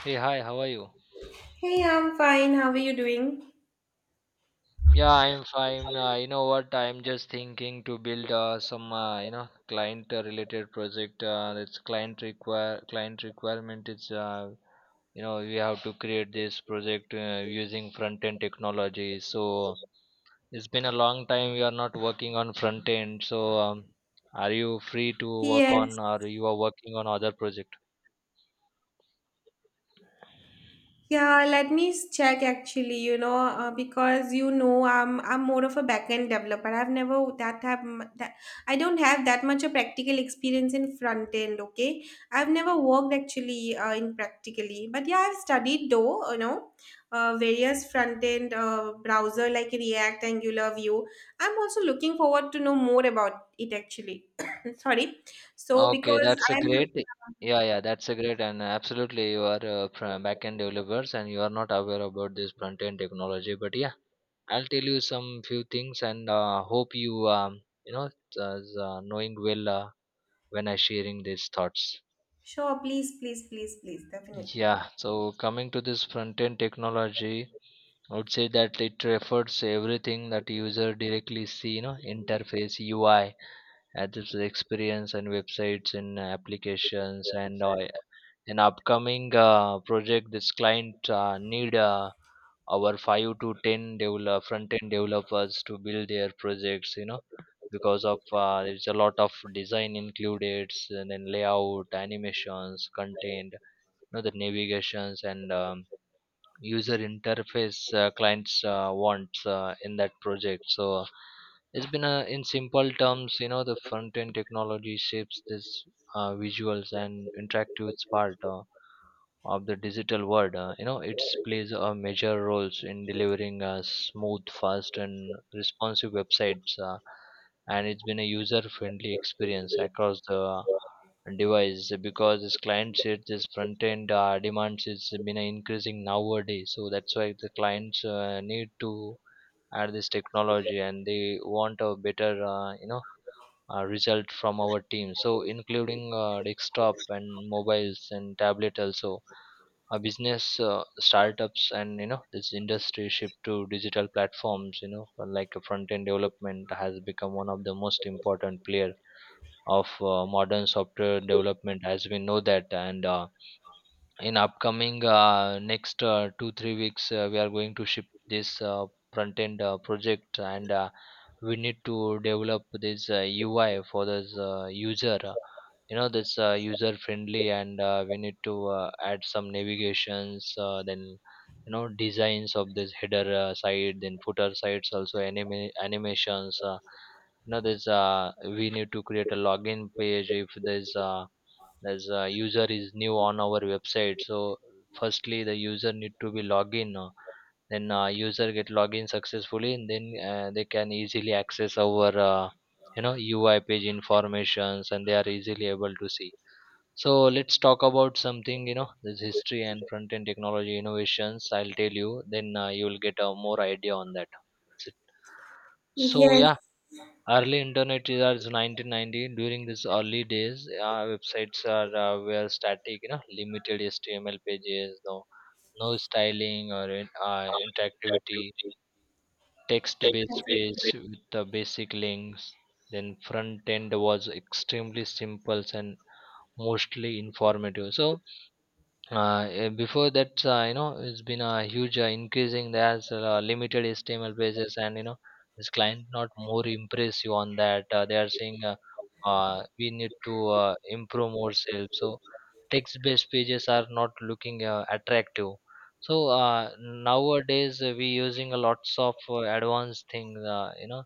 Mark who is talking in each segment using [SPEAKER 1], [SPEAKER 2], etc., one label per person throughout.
[SPEAKER 1] Hey, hi, how are you?
[SPEAKER 2] Hey, I'm fine. How are you doing?
[SPEAKER 1] Yeah, I'm fine. You know what? I'm just thinking to build some, you know, client related project. It's client requirement. We have to create this project using front end technology. So it's been a long time we are not working on front end. So are you free to work
[SPEAKER 2] Yes.
[SPEAKER 1] on, or you are working on other project?
[SPEAKER 2] Yeah, let me check actually, you know, because you know I'm more of a back-end developer. I've never that have m- that I don't have that much of practical experience in front end, okay? I've never worked actually in practically. But yeah, I've studied though, you know, various front end browser like React, Angular, Vue. I'm also looking forward to know more about it actually. Sorry. So
[SPEAKER 1] Okay,
[SPEAKER 2] because
[SPEAKER 1] that's a
[SPEAKER 2] I'm,
[SPEAKER 1] great.
[SPEAKER 2] yeah.
[SPEAKER 1] Yeah, yeah, that's a great, and absolutely you are back-end developers and you are not aware about this front-end technology. But yeah, I'll tell you some few things and hope you you know knowing well when I sharing these thoughts.
[SPEAKER 2] Sure, please, please, please, please, definitely.
[SPEAKER 1] Yeah, so coming to this front-end technology, I would say that it refers everything that user directly see, you know, interface, UI, Apple's experience and websites and applications and an upcoming project this client need our 5 to 10 develop, front end developers to build their projects, you know, because of there's a lot of design included, and then layout, animations, content, you know, the navigations and user interface clients wants in that project. So it's been a, in simple terms, you know, the front end technology shapes this visuals and interactive part of the digital world. You know, it plays a major roles in delivering smooth, fast and responsive websites, and it's been a user friendly experience across the device, because this client side, this front end demands is been increasing nowadays. So that's why the clients need to add this technology, and they want a better, you know, result from our team, so including desktop and mobiles and tablet also, a business startups, and you know this industry shift to digital platforms, you know, like front end development has become one of the most important player of modern software development, as we know that. And in upcoming next 2 3 weeks we are going to ship this front end project, and we need to develop this ui for this user, you know, that's user friendly, and we need to add some navigations, then you know, designs of this header site, then footer sites, also animations. You know, there's we need to create a login page. If there's as a user is new on our website, so firstly the user need to be login. Then user get login successfully, and then they can easily access our, you know, UI page informations, and they are easily able to see. So let's talk about something, you know, this history and front end technology innovations. I'll tell you, then you will get a more idea on that. That's it. So
[SPEAKER 2] Yes,
[SPEAKER 1] yeah, early internet is 1990. During these early days, websites are were static, you know, limited HTML pages, no, no styling or interactivity. Text-based page with the basic links. Then front end was extremely simple and mostly informative. So before that, you know, it's been a huge increasing, there's limited html pages, and you know this client not more impress you on that. They are saying, we need to improve ourselves. So text based pages are not looking attractive. So nowadays we using a lots of advanced things, you know,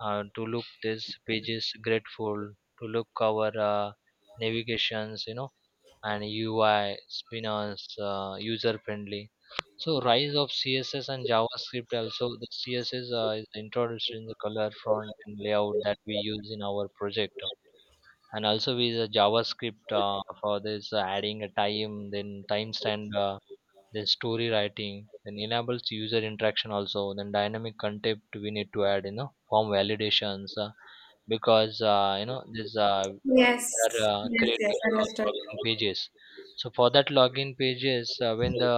[SPEAKER 1] to look these pages grateful, to look our navigations, you know, and UI Spinner's user friendly. So rise of CSS and JavaScript. Also the CSS is introduced in the color font and layout that we use in our project, and also with the JavaScript for this adding a time, then timestamp, then story writing, then enables user interaction also, then dynamic content we need to add, you know, form validations, because you know this we are
[SPEAKER 2] yes, yes, yes,
[SPEAKER 1] creating
[SPEAKER 2] understood.
[SPEAKER 1] login pages. So for that login pages when the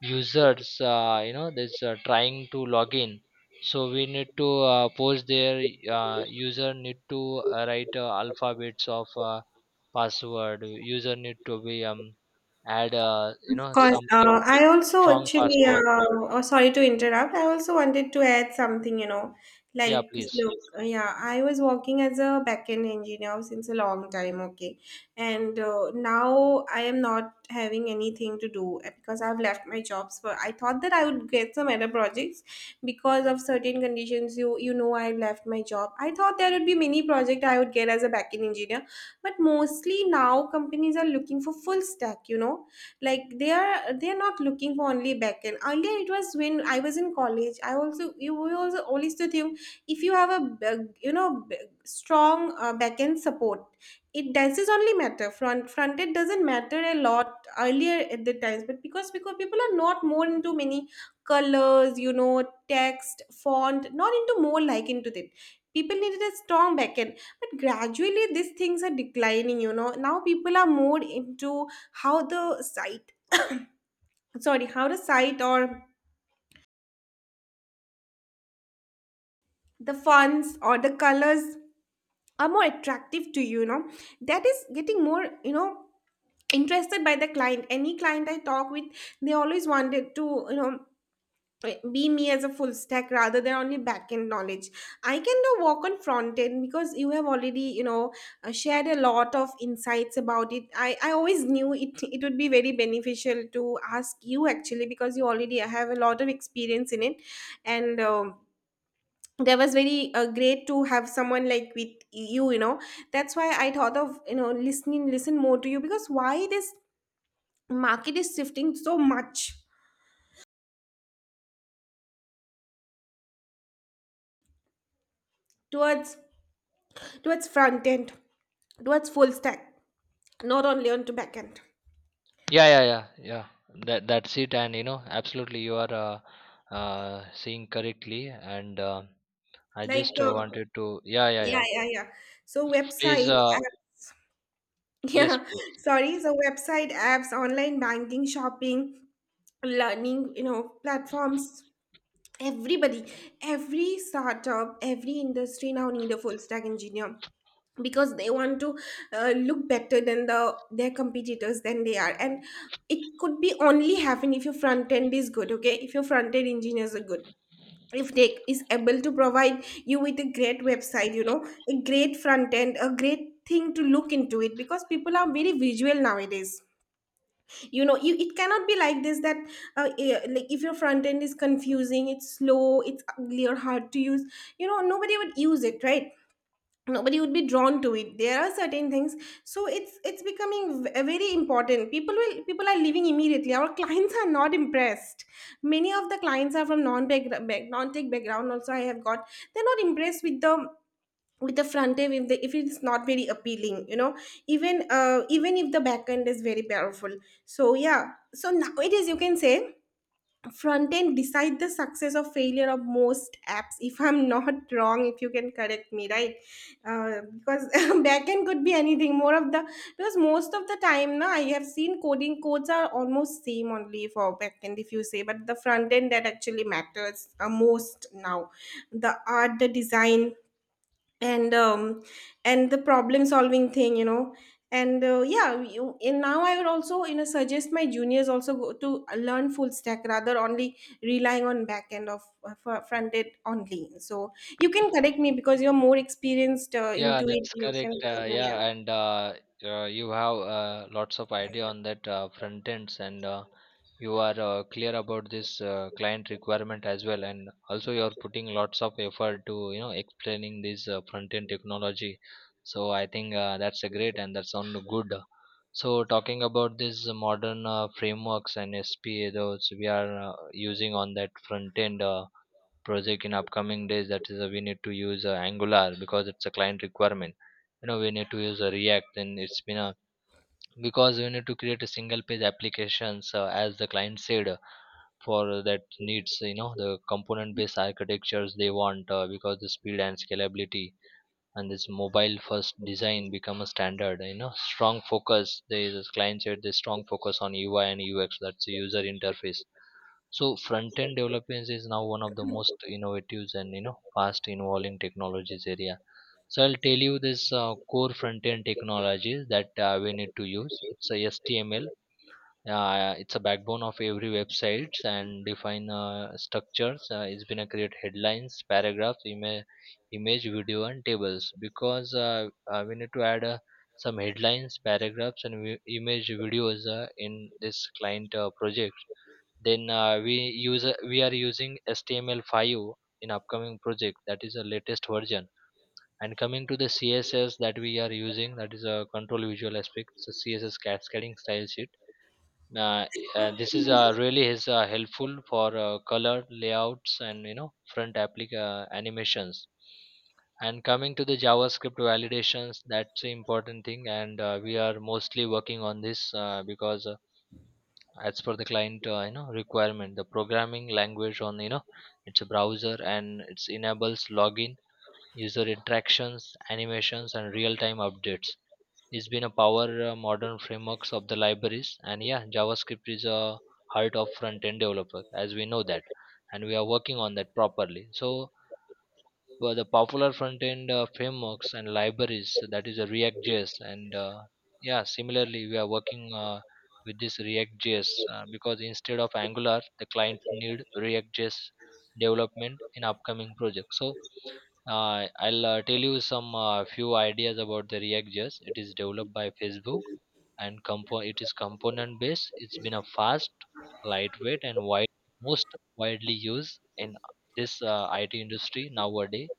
[SPEAKER 1] users you know this trying to log in, so we need to post their, user need to write alphabets of, password user need to be add, you
[SPEAKER 2] Of
[SPEAKER 1] know,
[SPEAKER 2] course.
[SPEAKER 1] some
[SPEAKER 2] I also
[SPEAKER 1] strong
[SPEAKER 2] actually,
[SPEAKER 1] password.
[SPEAKER 2] oh, sorry to interrupt. I also wanted to add something,
[SPEAKER 1] Yeah,
[SPEAKER 2] like,
[SPEAKER 1] please.
[SPEAKER 2] look, yeah, I was working as a backend engineer since a long time, okay. And now I am not having anything to do because I've left my jobs. For I thought that I would get some other projects because of certain conditions. You know, I left my job. I thought there would be many projects I would get as a backend engineer, but mostly now companies are looking for full stack, like they are not looking for only backend. Earlier it was when I was in college, I also you we also always to think, if you have a strong backend support, it does is only matter, front end doesn't matter a lot earlier at the times, but because people are not more into many colors, you know, text font, not into more, like, into that. People needed a strong backend, but gradually these things are declining, you know, now people are more into how the site sorry, how the site or the fonts or the colors are more attractive to you, you know that is getting more, interested by the client. Any client I talk with, they always wanted to, be me as a full stack rather than only back end knowledge. I can do work on front end because you have already, shared a lot of insights about it. I always knew it it would be very beneficial to ask you actually, because you already have a lot of experience in it, and that was very great to have someone like with you you know That's why I thought of, listen more to you, because why this market is shifting so much towards towards front end, towards full stack, not only onto back end.
[SPEAKER 1] Yeah, yeah, yeah, yeah. That that's it, and you know, absolutely, you are seeing correctly. And I
[SPEAKER 2] Like,
[SPEAKER 1] just wanted to. Yeah, yeah,
[SPEAKER 2] yeah,
[SPEAKER 1] yeah.
[SPEAKER 2] yeah, yeah. So website,
[SPEAKER 1] Please, yes,
[SPEAKER 2] yeah,
[SPEAKER 1] please.
[SPEAKER 2] sorry. So website apps, online banking, shopping, learning, you know, platforms, everybody, every startup, every industry now need a full stack engineer, because they want to, look better than their competitors than they are, and it could be only happen if your front end is good, okay? If your front end engineers are good, if they is able to provide you with a great website, a great front end, a great thing to look into it, because people are very visual nowadays, it cannot be like this that, like, if your front end is confusing, it's slow, it's ugly or hard to use, nobody would use it, right? Nobody would be drawn to it. There are certain things, so it's becoming very important. People will people are leaving immediately, our clients are not impressed. Many of the clients are from non tech background also, I have got. They're not impressed with the front end, if it's not very appealing, even, even if the back end is very powerful. So yeah, so nowadays you can say front end decide the success or failure of most apps, if I'm not wrong, if you can correct me, right? Because back end could be anything, more of the, because most of the time now I have seen coding, codes are almost same only for back end if you say, but the front end that actually matters most now, the art, the design, and um and the problem solving thing, you know. And yeah, and now I would also, suggest my juniors also go to learn full stack rather only relying on back end of, front end only. So you can correct me, because you're more experienced
[SPEAKER 1] Yeah,
[SPEAKER 2] into it,
[SPEAKER 1] that's
[SPEAKER 2] you can
[SPEAKER 1] correct.
[SPEAKER 2] tell me,
[SPEAKER 1] Yeah,
[SPEAKER 2] yeah.
[SPEAKER 1] and you have lots of idea on that front ends, and you are clear about this client requirement as well. And also, you are putting lots of effort to, you know, explaining this front end technology. So I think that's a great, and that sounds good. So talking about this modern frameworks and SPA, those we are using on that front end. Project in upcoming days, that is we need to use angular because it's a client requirement. You know, we need to use react, and it's been a because we need to create a single page applications as the client said, for that needs, you know, the component based architectures they want, because the speed and scalability and this mobile first design become a standard, you know, strong focus, there is a client said the strong focus on ui and ux, that's the user interface. So front end developments is now one of the most innovative and, you know, fast evolving technologies area. So I'll tell you this core front end technologies that we need to use. It's a HTML. It's a backbone of every websites and define structures. It's been create headlines, paragraphs, image, video, and tables, because we need to add some headlines, paragraphs, and image videos in this client project. Then we are using HTML5 in upcoming project, that is the latest version. And coming to the css that we are using, that is a control visual aspect. So css, cascading style sheet, uh, this is really is helpful for color layouts, and you know, front applic animations. And coming to the javascript validations, that's the important thing, and we are mostly working on this, because as per the client, you know, requirement, the programming language on, you know, it's a browser and it enables login, user interactions, animations and real time updates. It's been a power, modern frameworks of the libraries, and yeah, javascript is a heart of front end developer, as we know that, and we are working on that properly. So well, the popular front end frameworks and libraries, so that is a JS, and yeah, similarly we are working with this React.js, because instead of Angular, the client need React JS development in upcoming project. So I'll tell you some few ideas about the React JS. It is developed by Facebook, and it is component based. It's been a fast, lightweight, and wide, most widely used in this IT industry nowadays,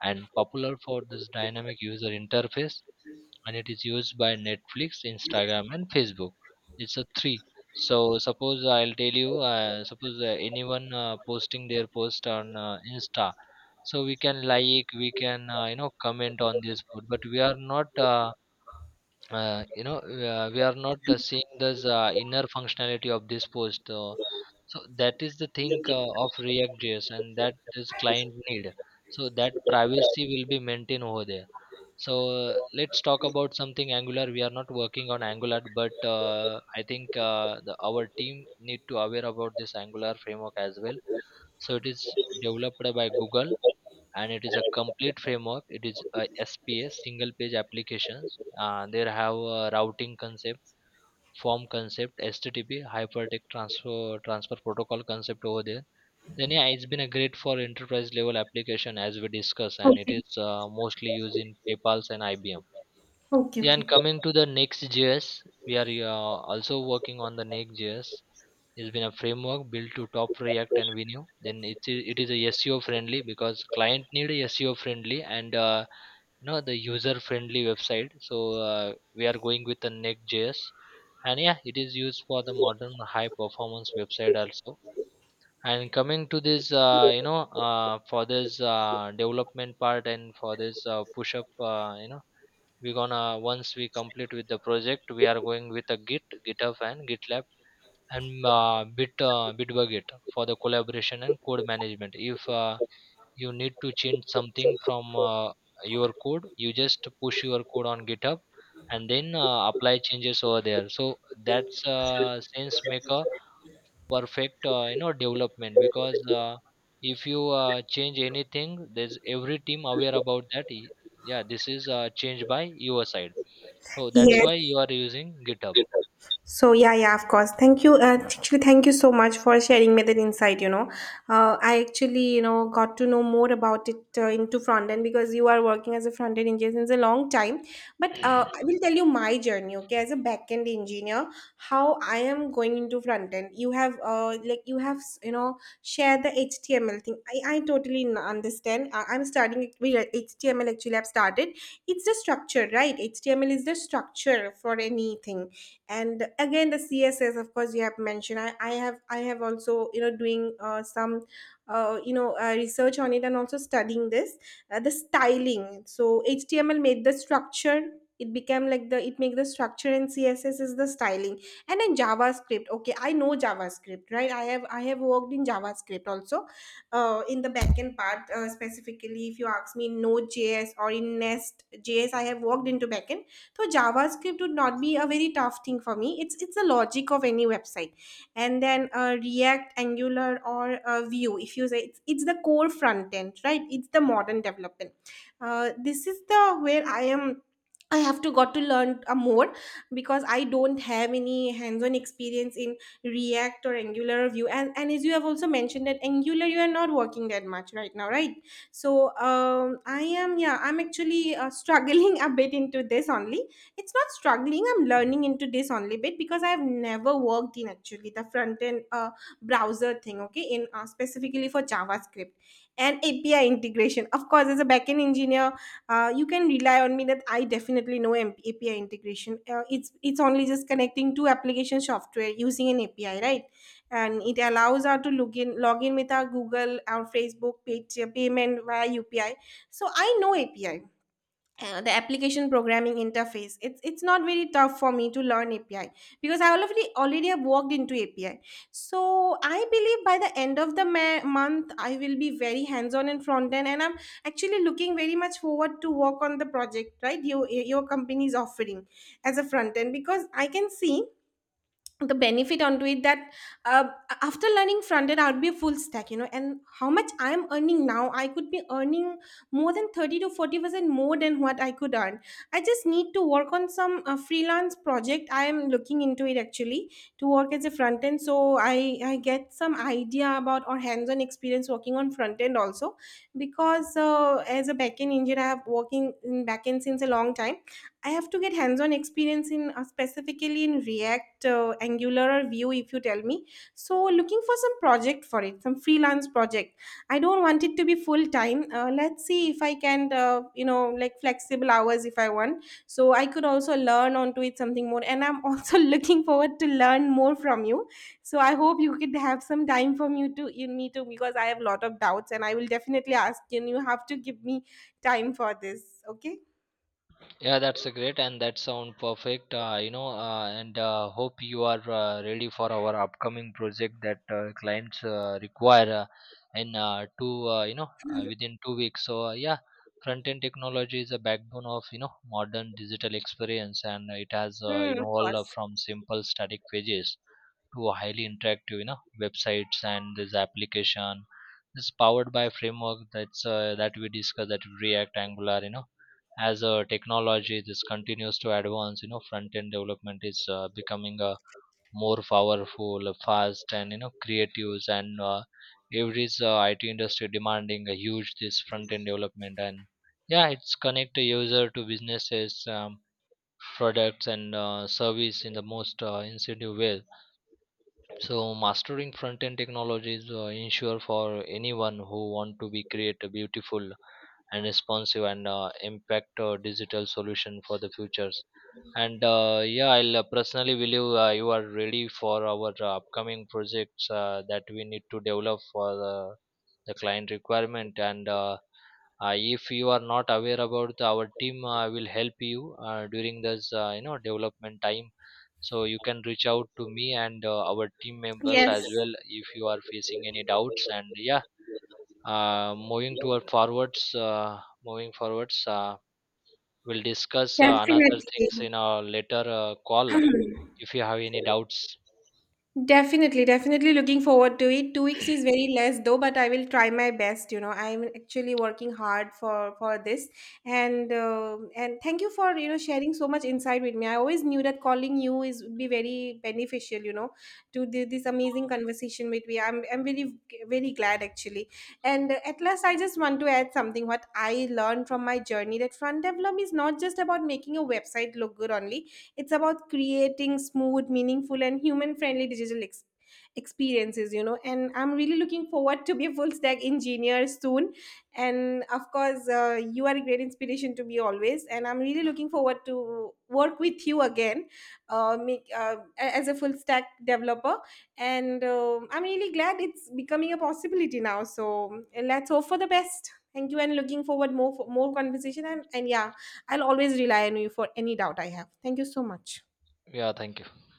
[SPEAKER 1] and popular for this dynamic user interface, and it is used by netflix, instagram and facebook. It's a three. So suppose I'll tell you, suppose anyone posting their post on insta, so we can like, we can you know, comment on this post, but we are not you know, we are not seeing this inner functionality of this post, so that is the thing of react js, and that this client need, so that privacy will be maintained over there. So let's talk about something angular. We are not working on angular, but I think our team need to aware about this angular framework as well. So it is developed by google, and it is a complete framework. It is a sps, single page applications, there have a routing concept, form concept, http, hypertext transfer protocol concept over there. Then yeah, it's been a great for enterprise level application, as we discuss, and it
[SPEAKER 2] Okay,
[SPEAKER 1] is mostly used in paypal's and ibm.
[SPEAKER 2] okay,
[SPEAKER 1] Yeah,
[SPEAKER 2] okay.
[SPEAKER 1] and coming to the next js, we are also working on the next js. It's been a framework built to top react and Vue. Then it is a seo friendly, because client need a seo friendly, and you know, the user friendly website. So we are going with the next.js, and yeah, it is used for the modern high performance website also. And coming to this, you know, for this development part, and for this push up, you know, we're gonna, once we complete with the project, we are going with a git, github and gitlab, and bitbucket for the collaboration and code management. If you need to change something from your code, you just push your code on github, and then apply changes over there. So that's sense make a perfect, you know, development, because if you change anything, there's every team aware about that. Yeah, this is changed by your side, so
[SPEAKER 2] Yes.
[SPEAKER 1] that's why you are using github.
[SPEAKER 2] So yeah, yeah, of course. Thank you. Actually, thank you so much for sharing me that insight. You know, I actually, got to know more about it into front end, because you are working as a front end engineer since a long time. But I will tell you my journey. Okay, as a back end engineer, how I am going into front end. You have like you have, share the HTML thing. I totally understand. I'm starting it with HTML. Actually, I've started. It's the structure, right? HTML is the structure for anything, and again the css, of course you have mentioned, I have also, doing some, research on it, and also studying this, the styling. So html made the structure, it make the structure, and css is the styling. And then javascript, okay, I know javascript, right? I have worked in javascript also, in the backend part, specifically if you ask me in node.js or in nest.js, I have worked into backend. So javascript would not be a very tough thing for me, it's the logic of any website. And then react, angular, or vue, if you say, it's the core front end, right? It's the modern development. This is the where I am. I have to got to learn more, because I don't have any hands-on experience in React or Angular or Vue. And as you have also mentioned that Angular, you are not working that much right now, right? So I am, yeah, I'm actually struggling a bit into this only. It's not struggling, I'm learning into this only bit, because I've never worked in actually the front end, browser thing, okay, in, specifically for javascript and api integration. Of course, as a backend engineer, you can rely on me that I definitely know api integration. It's only just connecting two application software using an api, right? And it allows us to log in with our google, our facebook page, payment via upi. So I know api, the application programming interface, it's not very tough for me to learn api, because I already have worked into api. So I believe by the end of the month, I will be very hands on in front end, and I'm actually looking very much forward to work on the project, right? Your company is offering as a front end, because I can see the benefit onto it, that, uh, after learning front end, I'll be a full stack, you know, and how much I'm earning now, I could be earning more than 30 to 40% more than what I could earn. I just need to work on some freelance project, I am looking into it actually, to work as a front end, so I get some idea about or hands on experience working on front end also. Because as a back end engineer, I have working in back end since a long time. I have to get hands-on experience in, specifically in React, Angular, or Vue. If you tell me, so looking for some project for it, some freelance project. I don't want it to be full time. Let's see if I can, like flexible hours if I want. So I could also learn onto it something more. And I'm also looking forward to learn more from you. So I hope you could have some time from you to in me too, because I have a lot of doubts, and I will definitely ask you. And you have to give me time for this. Okay.
[SPEAKER 1] Yeah, that's a great and that sound perfect. You know, and hope you are ready for our upcoming project that clients require in two, you know, within 2 weeks. So yeah, front end technology is a backbone of, you know, modern digital experience, and it has
[SPEAKER 2] Hmm,
[SPEAKER 1] you
[SPEAKER 2] of course.
[SPEAKER 1] from simple static pages to a highly interactive, you know, websites and this application. It's powered by framework that's that we discussed, that React, Angular, you know, as a technology this continues to advance, you know, front end development is becoming a more powerful, fast and, you know, creative. And every it industry demanding a huge this front end development, and yeah, it's connect the user to businesses, products and service in the most incentive way. So mastering front end technologies ensure for anyone who want to be create a beautiful and responsive and, impact digital solution for the futures. And yeah, I'll personally believe you are ready for our upcoming projects that we need to develop for the client requirement, and if you are not aware about our team, I will help you during this, you know, development time. So you can reach out to me and our team members
[SPEAKER 2] Yes,
[SPEAKER 1] as well, if you are facing any doubts. And yeah, moving forwards, we'll discuss another things
[SPEAKER 2] definitely.
[SPEAKER 1] in a later call if you have any doubts.
[SPEAKER 2] Definitely, definitely looking forward to it. 2 weeks is very less though, but I will try my best. You know, I'm actually working hard for this, and thank you for, sharing so much insight with me. I always knew that calling you is would be very beneficial. You know, to do this amazing conversation with me. I'm really very glad actually. And at last, I just want to add something what I learned from my journey, that front development is not just about making a website look good only. It's about creating smooth, meaningful, and human friendly digital experiences, And I'm really looking forward to be a full stack engineer soon. And of course, you are a great inspiration to me always. And I'm really looking forward to work with you again, as a full stack developer. And I'm really glad it's becoming a possibility now. So let's hope for the best. Thank you, and looking forward more for more conversation, and yeah. I'll always rely on you for any doubt I have. Thank you so much.
[SPEAKER 1] Yeah, thank you.